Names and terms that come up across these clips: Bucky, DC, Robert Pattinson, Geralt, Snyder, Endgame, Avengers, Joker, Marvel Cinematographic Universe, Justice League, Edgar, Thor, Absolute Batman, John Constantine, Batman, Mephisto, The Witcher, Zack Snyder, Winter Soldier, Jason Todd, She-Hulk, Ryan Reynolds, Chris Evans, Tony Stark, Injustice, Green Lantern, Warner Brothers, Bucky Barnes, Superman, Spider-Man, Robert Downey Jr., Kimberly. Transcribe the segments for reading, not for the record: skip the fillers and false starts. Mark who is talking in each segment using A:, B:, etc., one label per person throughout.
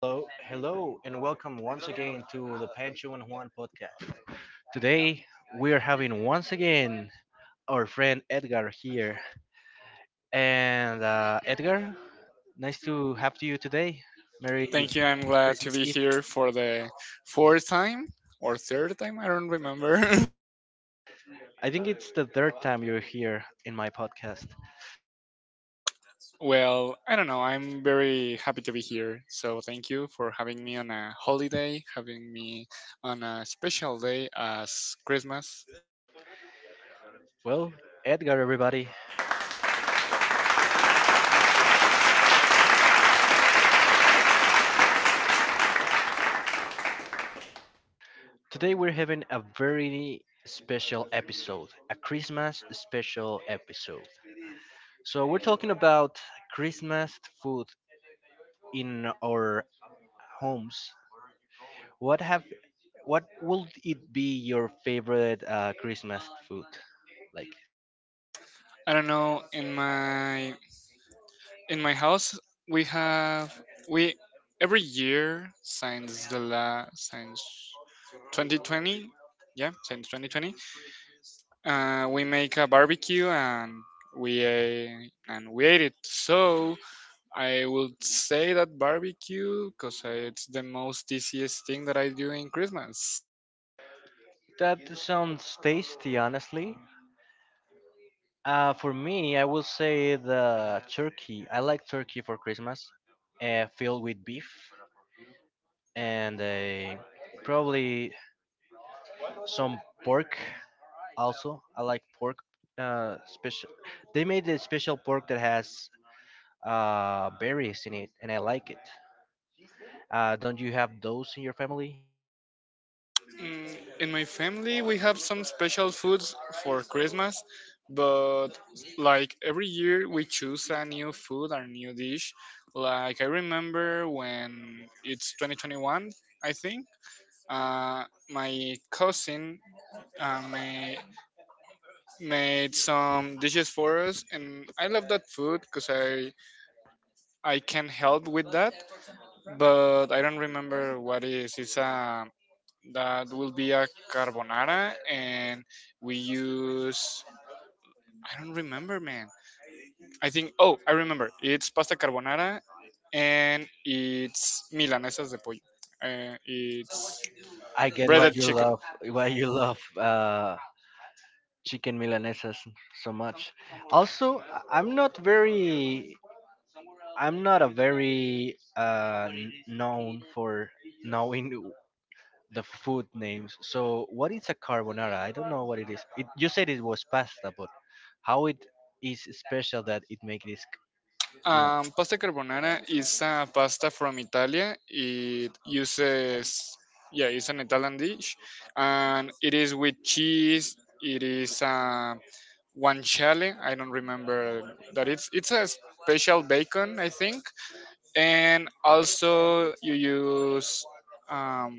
A: Hello, hello, and welcome once again to the Pancho and Juan podcast. Today we are having once again our friend Edgar here, and Edgar, nice to have to you today. Merry
B: Thank you. I'm glad to
A: Christmas
B: be
A: Eve.
B: here for the.
A: I think it's the third time you're here in my podcast.
B: Well, I don't know. I'm very happy to be here. So thank you for having me on a holiday, having me on a special day as Christmas.
A: Well, Edgar, everybody, today we're having a very special episode, a Christmas special episode. So we're talking about Christmas food in our homes, what have what would it be your favorite Christmas food? Like
B: I don't know. In my house, we have we every year since the la since 2020. Yeah, since 2020, we make a barbecue and we ate it. So I would say that barbecue because it's the most easiest thing that I do in Christmas.
A: that sounds tasty, honestly. For me, I will say the turkey. I like turkey for Christmas, filled with beef and probably some pork. Also, I like pork. Special. They made a special pork that has berries in it, and I like it. Don't you have those in your family?
B: Mm, In my family, we have some special foods for Christmas, but like every year, we choose a new food or new dish. Like I remember when it's 2021, I think. Uh, my cousin uh, ma- made some dishes for us, and I love that food because I can help with that. But I don't remember what is. It's a That will be a carbonara, and we use. I don't remember, man. I think. Oh, I remember. It's pasta carbonara, and it's milanesas de pollo. It's
A: I get
B: breaded chicken.
A: why you love chicken milanesas so much. Also, I'm not very I'm not a very known for knowing the food names. So, what is a carbonara? I don't know what it is. It, you said it was pasta, but how it is special that it makes this, You
B: Pasta carbonara is a pasta from Italy. Yeah, it's an Italian dish, and it is with cheese. It is guanciale. I don't remember that it's a special bacon, I think. And also you use um,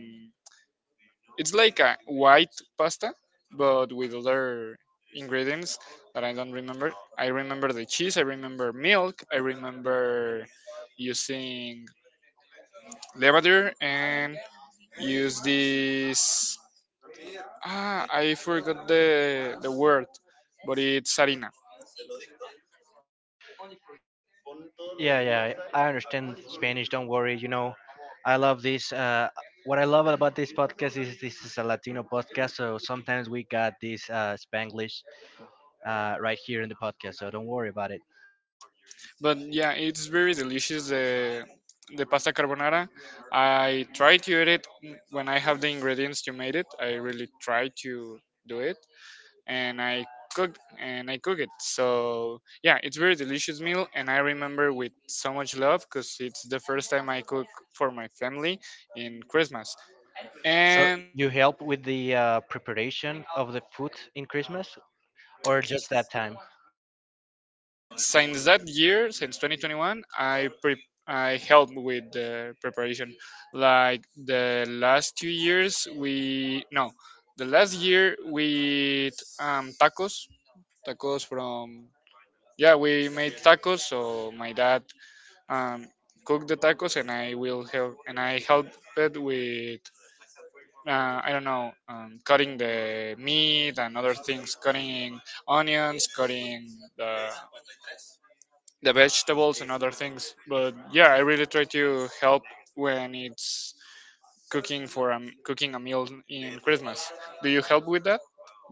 B: it's like a white pasta, but with other ingredients that I don't remember. I remember the cheese. I remember milk. I remember using levadure and use this. Ah, I forgot the word, but it's harina.
A: Yeah, yeah, I understand Spanish. Don't worry. You know, I love this. What I love about this podcast is this is a Latino podcast, so sometimes we got this Spanglish right here in the podcast. So don't worry about it.
B: But yeah, it's very delicious the pasta carbonara. I try to eat it when I have the ingredients to make it. I really try to do it, and I cook it. So yeah, it's very delicious meal, and I remember with so much love because it's the first time I cook for my family in Christmas.
A: So you help with the preparation of the food in Christmas, or just that time?
B: Since that year, since 2021, I helped with the preparation. Like the last 2 years, we no, the last year we ate, tacos, tacos from yeah, we made tacos. So my dad um cooked the tacos, and I will help, and I helped it with. I don't know, cutting the meat and other things, cutting onions, cutting the the vegetables and other things. But yeah, I really try to help when it's cooking a meal in Christmas. Do you help with that?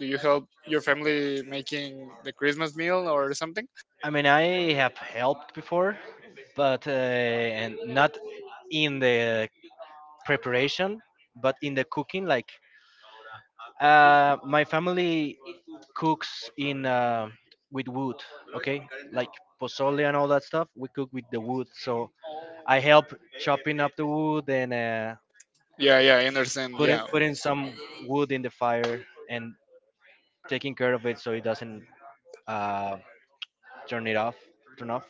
B: Do you help your family making the Christmas meal or something?
A: I mean, I have helped before, but and not in the preparation, but in the cooking, like my family cooks in with wood. Okay, like pozole and all that stuff, we cook with the wood. So I help chopping up the wood and
B: Yeah, yeah, I understand. Yeah.
A: putting some wood in the fire and taking care of it so it doesn't uh, turn it off. Turn off.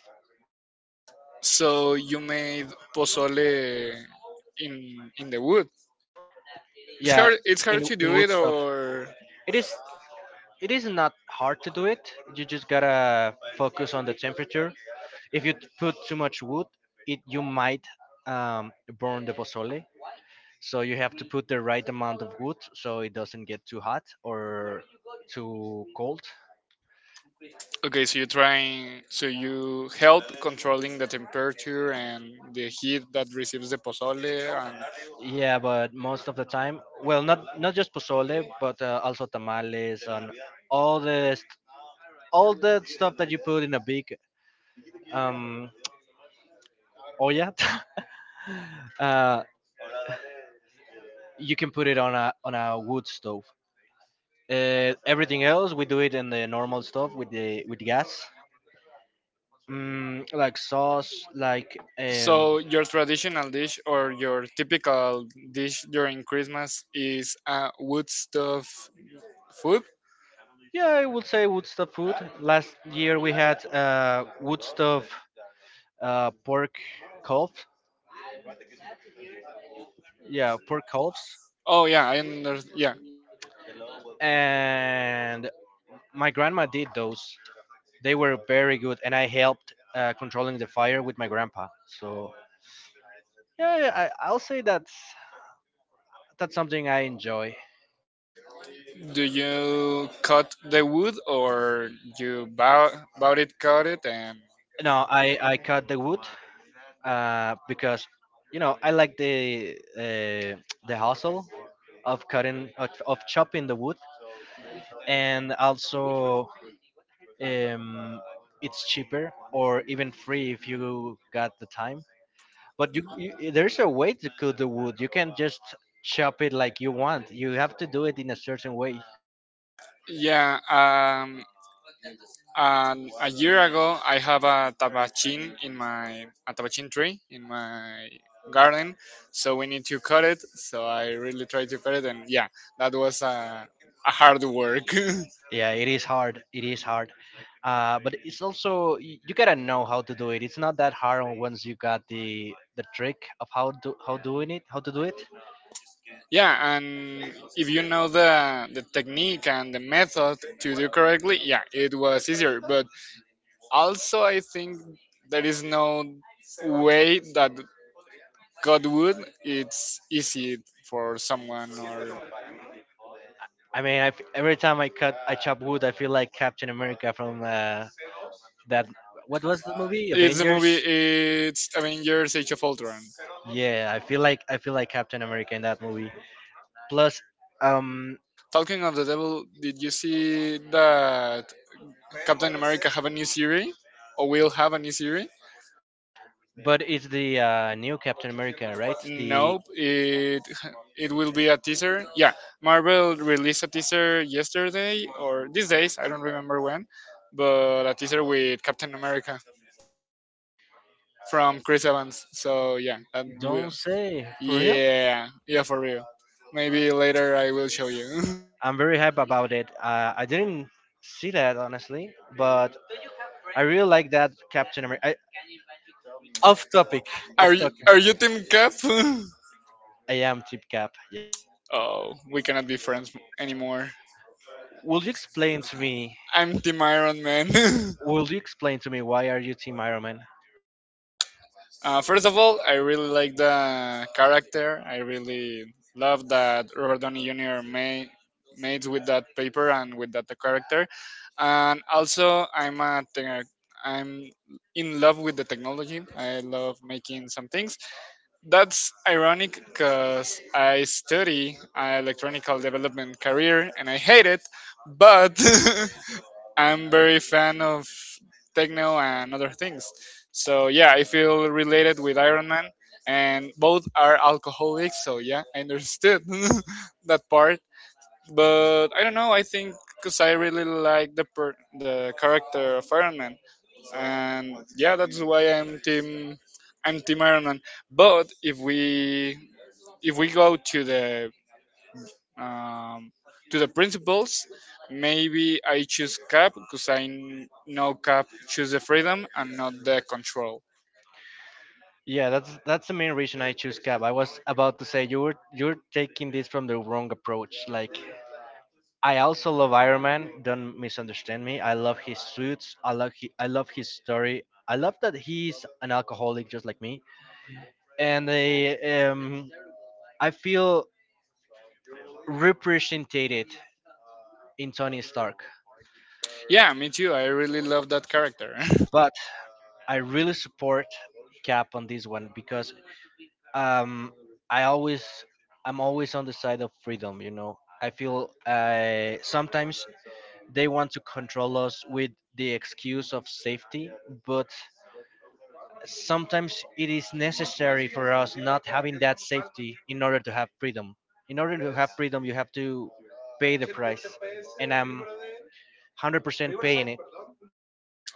B: So you made pozole in the wood. It's
A: Yeah,
B: hard. It's hard to
A: in
B: do
A: wood
B: it,
A: stuff.
B: or
A: It is it is not hard to do it. You just gotta focus on the temperature. If you put too much wood, it you might um, burn the pozole. So you have to put the right amount of wood so it doesn't get too hot or too cold.
B: okay. So you trying. So you help controlling the temperature and the heat that receives the pozole, and
A: Yeah, but most of the time, well, not not just pozole, but also tamales and all the st- all the stuff that you put in a big um olla. uh, you can put it on a wood stove. Everything else we do it in the normal stove with the with gas, like sauce, like
B: so your traditional dish or your typical dish during Christmas is wood stuff food?
A: Yeah, I would say Woodstock food. Last year we had Woodstock pork calf. Yeah, pork calves.
B: Oh yeah, I under yeah.
A: And my grandma did those. They were very good, and I helped controlling the fire with my grandpa. So yeah, yeah, I'll say that's something I enjoy.
B: Do you cut the wood or you bow it, cut it, and
A: No, I cut the wood because you know I like the hustle of of chopping the wood and also um, it's cheaper or even free if you got the time. But there's a way to cook the wood. You can't just chop it like you want. You have to do it in a certain way.
B: yeah. And a year ago, I have a tabachin tree in my garden, so we need to cut it. So I really try to cut it, and yeah, that was a hard work.
A: Yeah, it is hard. It is hard. But it's also you gotta know how to do it. It's not that hard once you got the trick of how to do it.
B: Yeah, and if you know the technique and the method to do correctly, yeah, it was easier. But also, I think there is no way that God would it's easy for someone or
A: I mean, I f every time I cut, I chop wood, I feel like Captain America from that. What was the movie?
B: it's a
A: Avengers.
B: movie. It's Avengers: Age of Ultron.
A: Yeah, I feel like Captain America in that movie. Plus, um,
B: Talking of the devil, did you see that Captain America have a new series or will have a new series?
A: but it's the new Captain America, right? The
B: Nope, it will be a teaser. Yeah, Marvel released a teaser yesterday or these days, I don't remember when, but a teaser with Captain America from Chris Evans. So yeah, that will
A: don't say for real.
B: yeah, yeah, for real. Maybe later I will show you.
A: I'm very hype about it. I didn't see that honestly, but I really like that Captain America. I, off topic,
B: are
A: off
B: you
A: topic.
B: are you Team Cap?
A: I am Tip Cap. Yeah.
B: Oh, we cannot be friends anymore.
A: Will you explain to me?
B: I'm Team Iron Man.
A: Will you explain to me why are you Team Iron Man?
B: First of all, I really like the character. I really love that Robert Downey Jr. made with that paper and with that character. And also, I'm in love with the technology. I love making some things. That's ironic because I study a electronical development career and I hate it, but I'm very fan of techno and other things. So yeah, I feel related with Iron Man, and both are alcoholics. So yeah, I understood that part. But I don't know. I think because I really like the character of Iron Man, and yeah, that's why I'm team Iron Man. But if we go um, to the principles. Maybe I choose cap because I know cap choose the freedom and not the control.
A: Yeah, that's the main reason I choose Cap. I was about to say you're taking this from the wrong approach. Like I also love Iron Man. Don't misunderstand me. I love his suits. I love I love his story. I love that he's an alcoholic just like me, and um I feel represented in Tony Stark.
B: Yeah, me too. I really love that character.
A: But I really support Cap on this one because um I always I'm always on the side of freedom. You know, I feel sometimes they want to control us with the excuse of safety, but sometimes it is necessary for us not having that safety in order to have freedom. In order to have freedom, you have to pay the price, and I'm 100% paying it.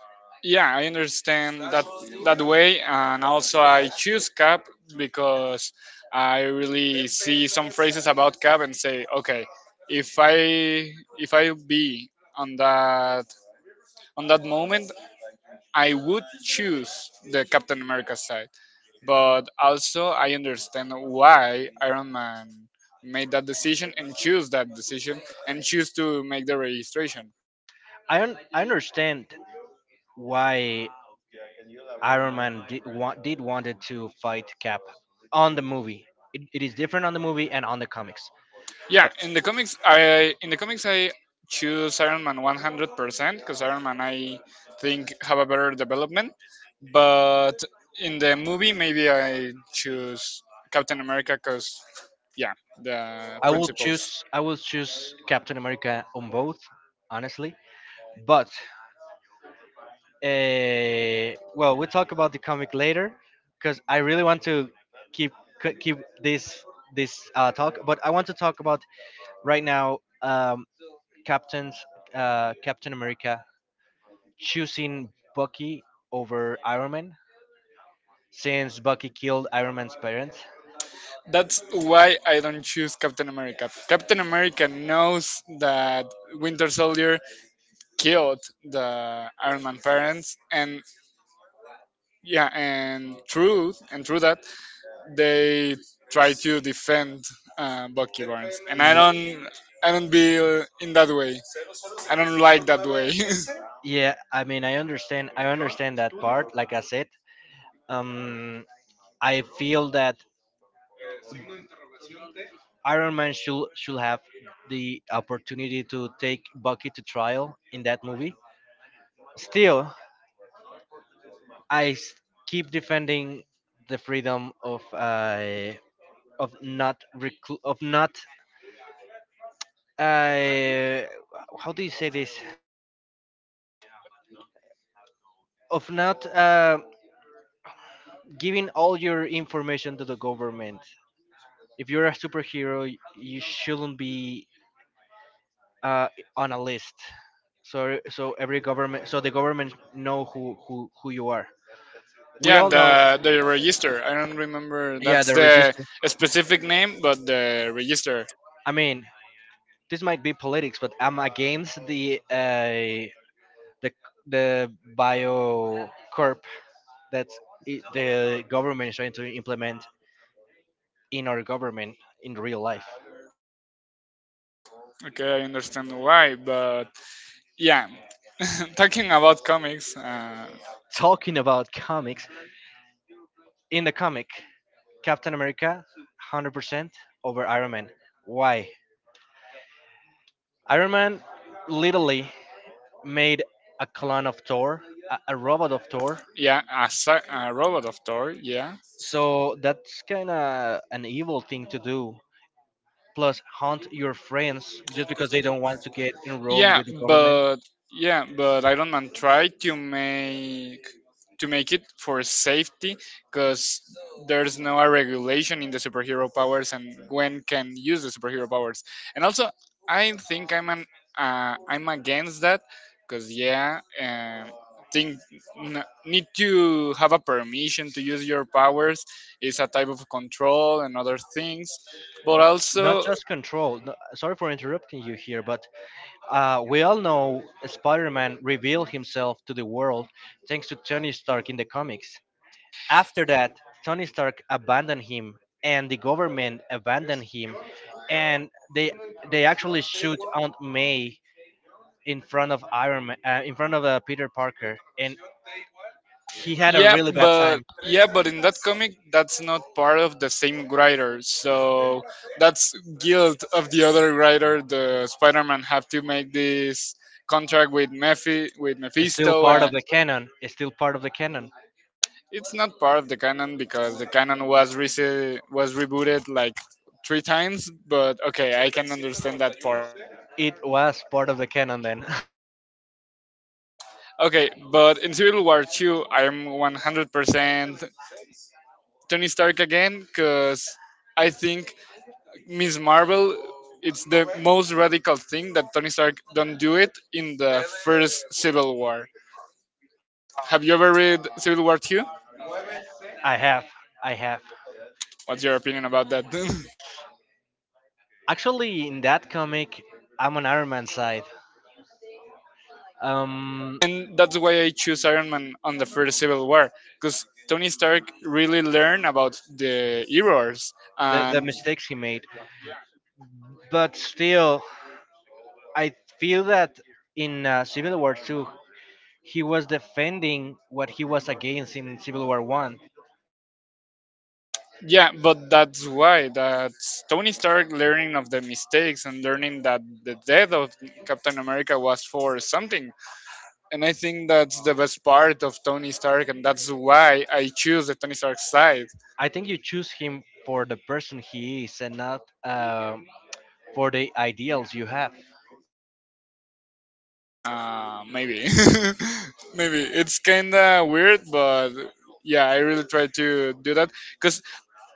B: Yeah, I understand that that way, and also I choose cap because I really see some phrases about cap and say, okay, if I if I be on that on that moment I would choose the Captain America side, but also I understand why Iron Man made that decision and choose that decision and choose to make the registration.
A: I understand why Iron Man did wanted to fight Cap on the movie. It is different on the movie and on the comics,
B: Yeah,
A: but
B: in the comics, I choose Iron Man 100% because Iron Man I think have a better development, but in the movie maybe I choose Captain America because yeah the principles.
A: I will choose Captain America on both, honestly. But well, we'll talk about the comic later because I really want to keep keep this this talk, but I want to talk about right now Captain's Captain America choosing Bucky over Iron Man since Bucky killed Iron Man's parents.
B: That's why I don't choose Captain America. Captain America knows that Winter Soldier killed the Iron Man parents, and yeah, and through that they try to defend Bucky Barnes, and I
A: Ye-
B: don't. I don't be in that way. I don't like that way.
A: Yeah, I mean, I understand. I understand that part. Like I said, um, I feel that Iron Man should have the opportunity to take Bucky to trial in that movie. Still, I s- keep defending the freedom of not reclu- of not uh, how do you say this of not giving all your information to the government. If you're a superhero, you shouldn't be uh, on a list. So every government so the government know who you are. We
B: Yeah,
A: all know
B: the register. I don't remember.
A: Yeah,
B: That's
A: the
B: the
A: register.
B: specific name, but the register.
A: I mean, this might be politics, but I'm against the the the bio corp that the government is trying to implement in our government in real life.
B: Okay, I understand why, but yeah, talking about comics,
A: Talking about comics, in the comic, Captain America, 100% over Iron Man. Why? Iron Man literally made a clone of Thor, a robot of Thor.
B: yeah, a robot of Thor, yeah.
A: So that's kind of an evil thing to do. Plus, hunt your friends just because they don't want to get enrolled
B: Yeah,
A: with the government.
B: but yeah, but Iron Man tried to make it for safety because there's no a regulation in the superhero powers and when can use the superhero powers. And also, I think I'm against that because yeah, think need to have a permission to use your powers is a type of control and other things, but
A: Not
B: also.
A: just control. No- Sorry for interrupting you here, but we all know Spider Man revealed himself to the world thanks to Tony Stark in the comics. After that, Tony Stark abandoned him, and the government abandoned him, and they they actually shoot Aunt May in front of Iron Man, in front of Peter Parker, and he had a
B: Yeah,
A: really bad
B: but
A: time.
B: yeah, but in that comic, that's not part of the same writer. So that's guilt of the other writer. The Spider-Man have to make this contract with
A: It's still
B: Mephisto,
A: part
B: and
A: of the canon. It's still part of the canon.
B: it's not part of the canon because the canon was was rebooted like 3 times. But okay, I can understand that part.
A: It was part of the canon then.
B: Okay, but in Civil War 2, I'm 100% Tony Stark again because I think Miss Marvel, it's the most radical thing that Tony Stark don't do it in the first Civil War. Have you ever read Civil War 2?
A: I have. I have.
B: What's your opinion about that?
A: Actually, in that comic, I'm on Iron Man's side. Um,
B: And that's why I choose Iron Man on the first Civil War because Tony Stark really learned about the errors
A: the
B: and
A: mistakes he made. But still, I feel that in Civil War 2, he was defending what he was against in Civil War 1.
B: yeah, but that's why that's Tony Stark learning of the mistakes and learning that the death of Captain America was for something. And I think that's the best part of Tony Stark, and that's why I choose the Tony Stark side.
A: I think you choose him for the person he is and not for the ideals you have.
B: Maybe, maybe it's kinda weird, but yeah, I really try to do that because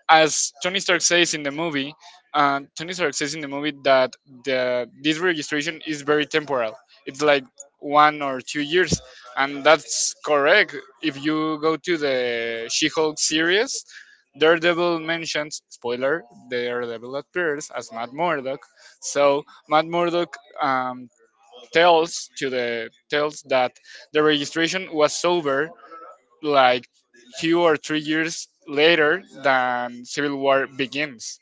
B: as Tony Stark says in the movie, Tony Stark says in the movie that the this registration is very temporal. It's like 1 or 2 years, and that's correct. If you go to the She-Hulk series, Daredevil mentions spoiler: Daredevil appears as Matt Murdock. So Matt Murdock um, tells that the registration was over like 2 or 3 years later than Civil War begins.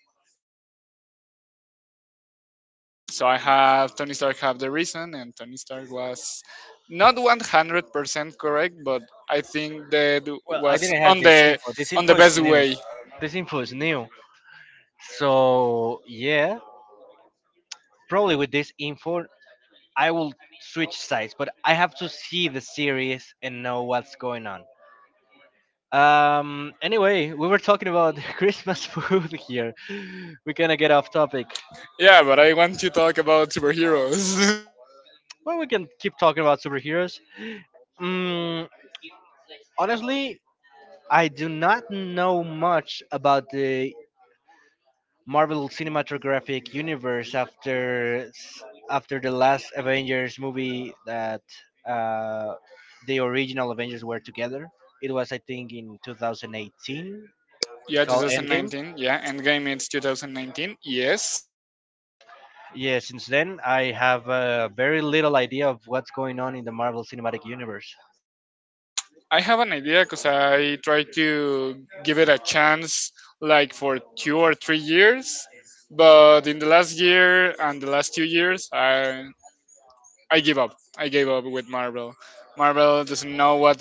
B: So I have Tony Stark have the reason, and Tony Stark was not 100% correct, but I think that
A: Well, I
B: was
A: didn't have this info. This
B: on the
A: info is
B: best
A: new.
B: way.
A: This info is new. So yeah, probably with this info, I will switch sides, but I have to see the series and know what's going on. Anyway, we were talking about Christmas food here. We kind of get off topic.
B: Yeah, but I want to talk about superheroes.
A: Well, we can keep talking about superheroes. Mm, honestly, I do not know much about the Marvel Cinematographic Universe after the last Avengers movie that uh, the original Avengers were together. It was, I think, in 2018
B: Yeah,
A: called Endgame.
B: 2019. Yeah, Endgame it's 2019. Yes.
A: Yeah, since then I have very little idea of what's going on in the Marvel Cinematic Universe.
B: I have an idea because I tried to give it a chance like for 2 or 3 years, but in the last year and the last 2 years, I give up. I gave up with Marvel. Marvel doesn't know what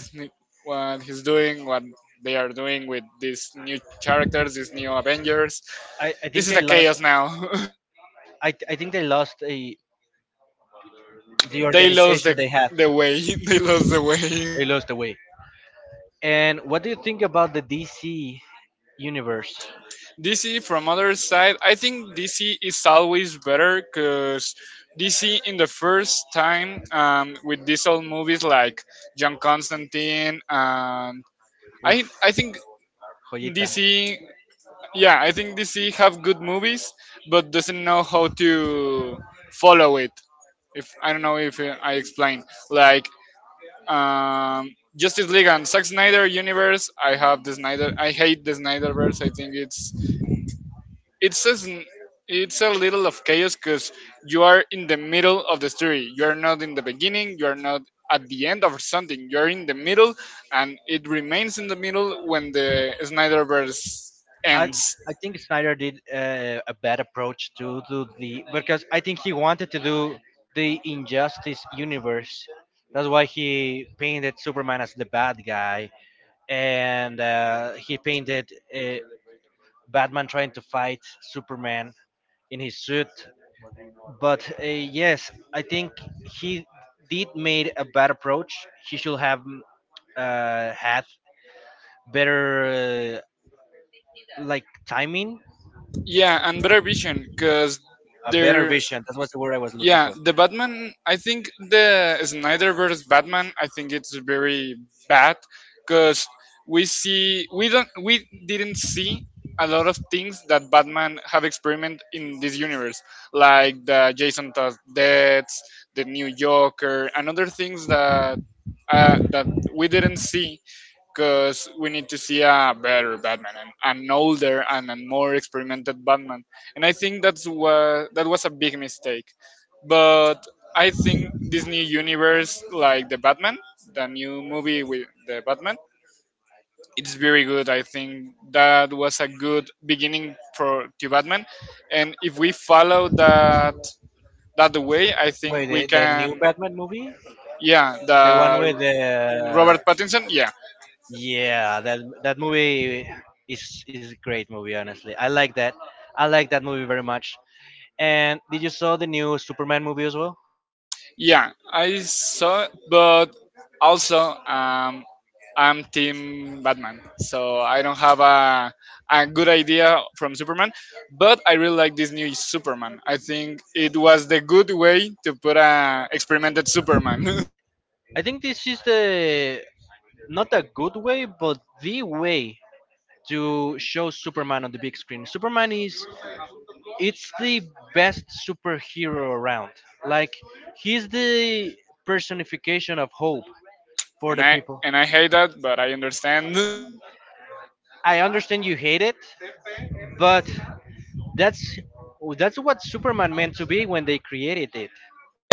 B: what he's doing, what they are doing with these new characters, these new Avengers.
A: I think
B: This is
A: they
B: a
A: lost.
B: chaos now.
A: I think they lost the
B: They lost the
A: organization they had.
B: the way. They lost the way.
A: They lost the way. And what do you think about the DC universe?
B: DC from other side, I think DC is always better because DC in the first time with these old movies like John Constantine and I
A: Oof,
B: I think
A: joyita.
B: DC yeah I think DC have good movies but doesn't know how to follow it. If I don't know if I explain like um, Justice League and Zack Snyder universe, I hate the Snyderverse. I think it's it says it's a little of chaos because you are in the middle of the story. You are not in the beginning. You are not at the end of something. You are in the middle, and it remains in the middle when the Snyderverse
A: I
B: ends.
A: I think Snyder did a bad approach to the because I think he wanted to do the Injustice universe. That's why he painted Superman as the bad guy, and he painted uh, Batman trying to fight Superman in his suit. But yes, I think he did made a bad approach. He should have had better like timing
B: Yeah, and better vision because
A: a better
B: better they're
A: vision. That was the word I
B: looking,
A: was looking
B: yeah,
A: for.
B: the Batman. I think the Snyderverse Batman, I think it's very bad because we didn't see a lot of things that Batman have experimented in this universe, like the Jason Todd deaths, the New Joker, and other things that that we didn't see because we need to see a better Batman, and an older and a more experimented Batman. And I think that was a big mistake. But I think this new universe, like the Batman, the new movie with the Batman, it's very good. I think that was a good beginning for to Batman, and if we follow that way, I
A: Wait,
B: think we
A: the new
B: can,
A: Batman movie,
B: yeah, the
A: the one with
B: Robert
A: the
B: Pattinson, yeah.
A: yeah, that that movie is a great movie. Honestly, I like that. I like that movie very much. And did you saw the new Superman movie as well?
B: Yeah, I saw, but also I'm Team Batman, so I don't have a good idea from Superman. But I really like this new Superman. I think it was the good way to put a experimented Superman,
A: I think this is the not a good way, but the way to show Superman on the big screen. Superman is it's the best superhero around. Like he's the personification of hope for
B: and
A: the
B: I
A: people.
B: and I hate that, but I understand.
A: I understand you hate it, but that's that's what Superman meant to be when they created it.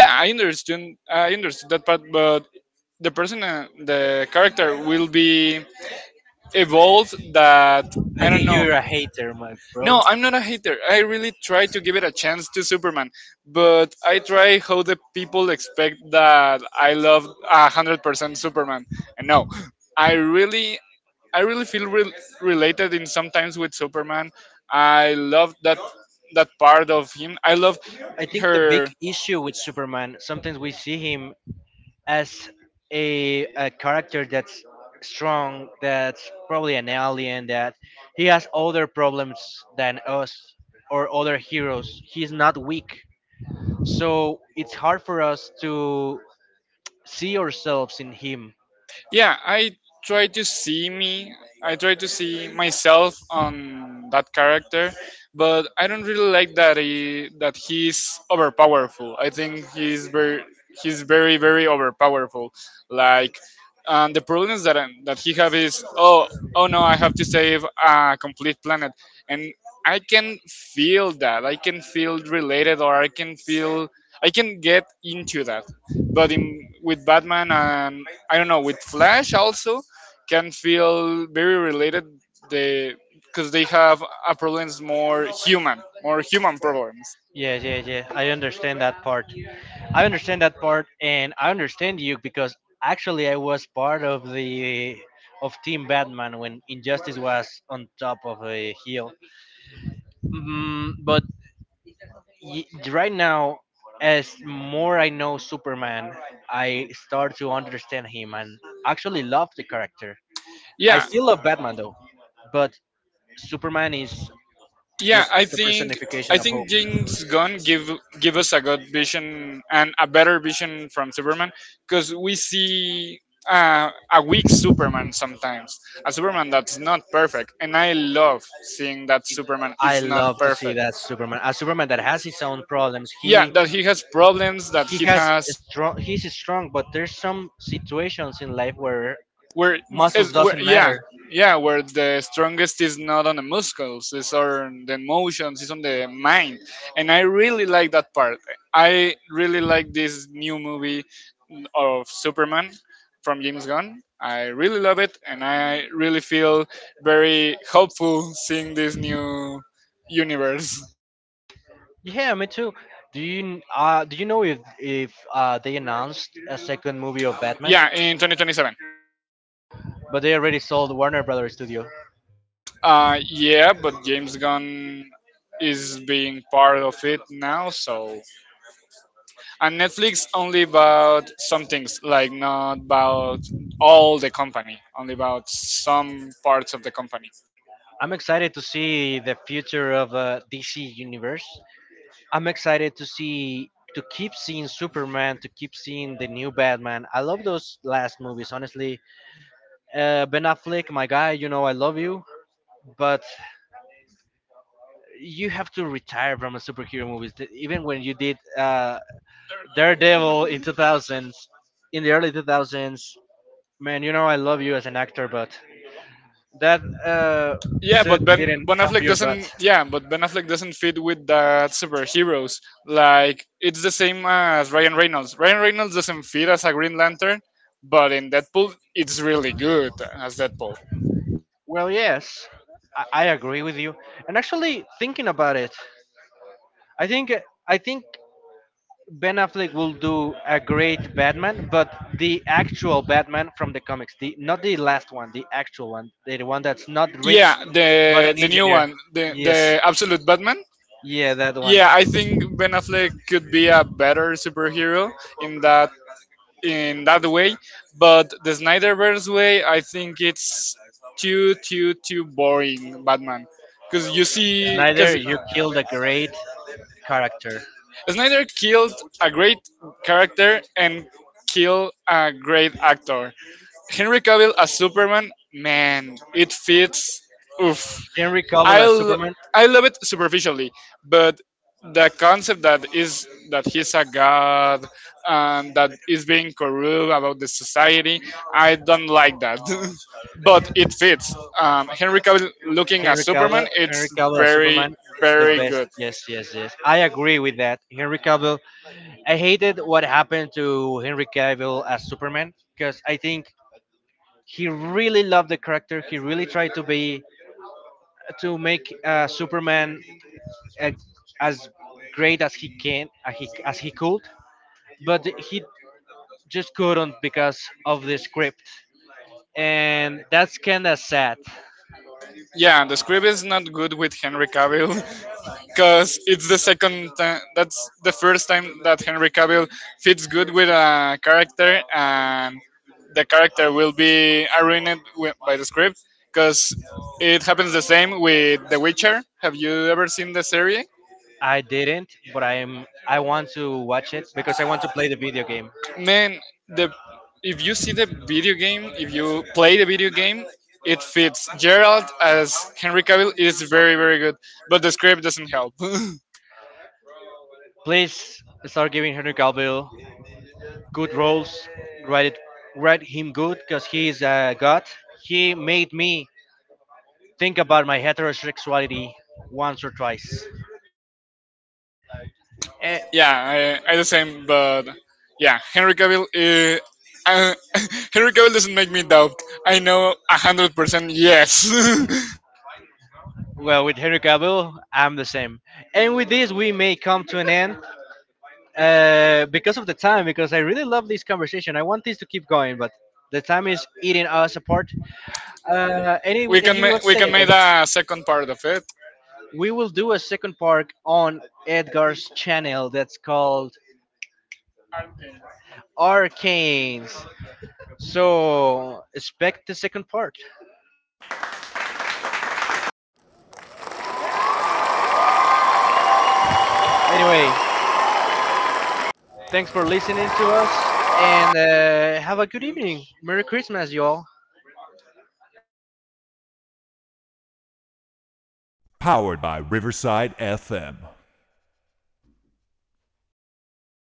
B: Yeah, I understand. I understood that part, but the person, the character will be evolved. That
A: I
B: I don't
A: think
B: know.
A: you're a hater, my bro.
B: No, I'm not a hater. I really try to give it a chance to Superman, but I try how the people expect that I love 100% Superman, and no, I really, I really feel related in sometimes with Superman. I love that part of him. I love
A: I think the big
B: her.
A: issue with Superman, sometimes we see him as a character that's strong, that's probably an alien, that he has other problems than us or other heroes. He's not weak, so it's hard for us to see ourselves in him.
B: Yeah, try to see me I try to see myself on that character, but I don't really like that he's overpowerful. I think he's very very overpowerful, like, and the problems that he have is, oh oh no, I have to save a complete planet, and I can feel that, I can feel related, or I can feel I can get into that, but in with Batman, and I don't know, with Flash also, can feel very related, the because they have a problems more human problems.
A: Yeah, yeah, yeah, I understand that part. I understand that part, and I understand you because actually I was part of the of Team Batman when Injustice was on top of a hill. But right now, as more I know Superman, I start to understand him and actually love the character. I
B: Yeah.
A: still love Batman though, but Superman is
B: Yeah,
A: just the
B: I
A: personification of hope.
B: think James Gunn give us a good vision and a better vision from Superman because we see a weak Superman sometimes, a Superman that's not perfect, and I love seeing that Superman
A: I
B: is not
A: love to see
B: perfect.
A: that Superman, a Superman that has his own problems.
B: Yeah,
A: He
B: that he has problems, that
A: he
B: he
A: has
B: has
A: a strong. He's strong, but there's some situations in life where
B: where, Muscles is,
A: muscles
B: where
A: doesn't
B: doesn't, yeah, matter.
A: matter.
B: Yeah, where the strongest is not on the muscles, it's on the emotions, it's on the mind, and I really like that part. I really like this new movie of Superman from James Gunn. I really love it, and I really feel very hopeful seeing this new universe.
A: Yeah, me too. Do you do you know if they announced a second movie of Batman,
B: Yeah, in 2027.
A: but they already sold Warner Brothers Studio.
B: Yeah, but James Gunn is being part of it now, so. And Netflix only about some things, like not about all the company, only about some parts of the company.
A: I'm excited to see the future of DC universe. I'm excited to see to keep seeing Superman, to keep seeing the new Batman. I love those last movies. Honestly, Ben Affleck, my guy, you know I love you, but you have to retire from a superhero movies. Even when you did Daredevil in 2000s, in the early 2000s, man, you know I love you as an actor, but that
B: Yeah,
A: suit
B: but Ben
A: didn't
B: Ben
A: help
B: Affleck
A: your butt.
B: doesn't. Yeah, but Ben Affleck doesn't fit with that superheroes. Like it's the same as Ryan Reynolds. Ryan Reynolds doesn't fit as a Green Lantern, but in Deadpool, it's really good as Deadpool.
A: Well, yes, I agree with you. And actually, thinking about it, I think I think Ben Affleck will do a great Batman, but the actual Batman from the comics, the not the last one, the actual one, the one that's not rich,
B: Yeah,
A: but
B: the
A: an
B: the new
A: engineer.
B: one, the
A: Yes,
B: the Absolute Batman.
A: yeah, that one.
B: Yeah, I think Ben Affleck could be a better superhero in that in that way. But the Snyderverse way, I think it's too boring Batman,
A: Snyder,
B: because
A: you killed a great character.
B: Snyder killed a great character and killed a great actor. Henry Cavill as Superman, man, it fits. Oof.
A: Henry Cavill
B: I
A: as
B: l-
A: Superman.
B: I love it superficially, but the concept that is that he's a god and that is being corrupt about the society, I don't like that. But it fits. Henry Cavill looking as
A: Henry Cavill.
B: Superman,
A: Henry
B: it's
A: Cavill as Superman. It's the
B: very
A: best.
B: good.
A: Yes, yes, yes, I agree with that. Henry Cavill. I hated what happened to Henry Cavill as Superman because I think he really loved the character. He really tried to be to make Superman uh, as great as he can, as he could, but he just couldn't because of the script, and that's kind of sad.
B: Yeah, the script is not good with Henry Cavill, because it's the second time. That's the first time that Henry Cavill fits good with a character, and the character will be ruined by the script because it happens the same with The Witcher. Have you ever seen the series?
A: I didn't, but I want to watch it because I want to play the video game.
B: Man, the if you see the video game, if you play the video game, it fits. Gerald as Henry Cavill is very very good, but the script doesn't help.
A: Please start giving Henry Cavill good roles. Write it, write him good because he is a god. He made me think about my heterosexuality once or twice. Eh,
B: Yeah, I the same, but yeah, Henry Cavill. Uh, Henry Cavill doesn't make me doubt. I know 100%. Yes,
A: well, with Henry Cavill, I'm the same. And with this, we may come to an end because of the time, because I really love this conversation. I want this to keep going, but the time is eating us apart. Anything you want to
B: we
A: say,
B: can make
A: Edgar?
B: a second part of it.
A: We will do a second part on Edgar's channel that's called Arcanes. So expect the second part. Anyway, thanks for listening to us and have a good evening. Merry Christmas, y'all.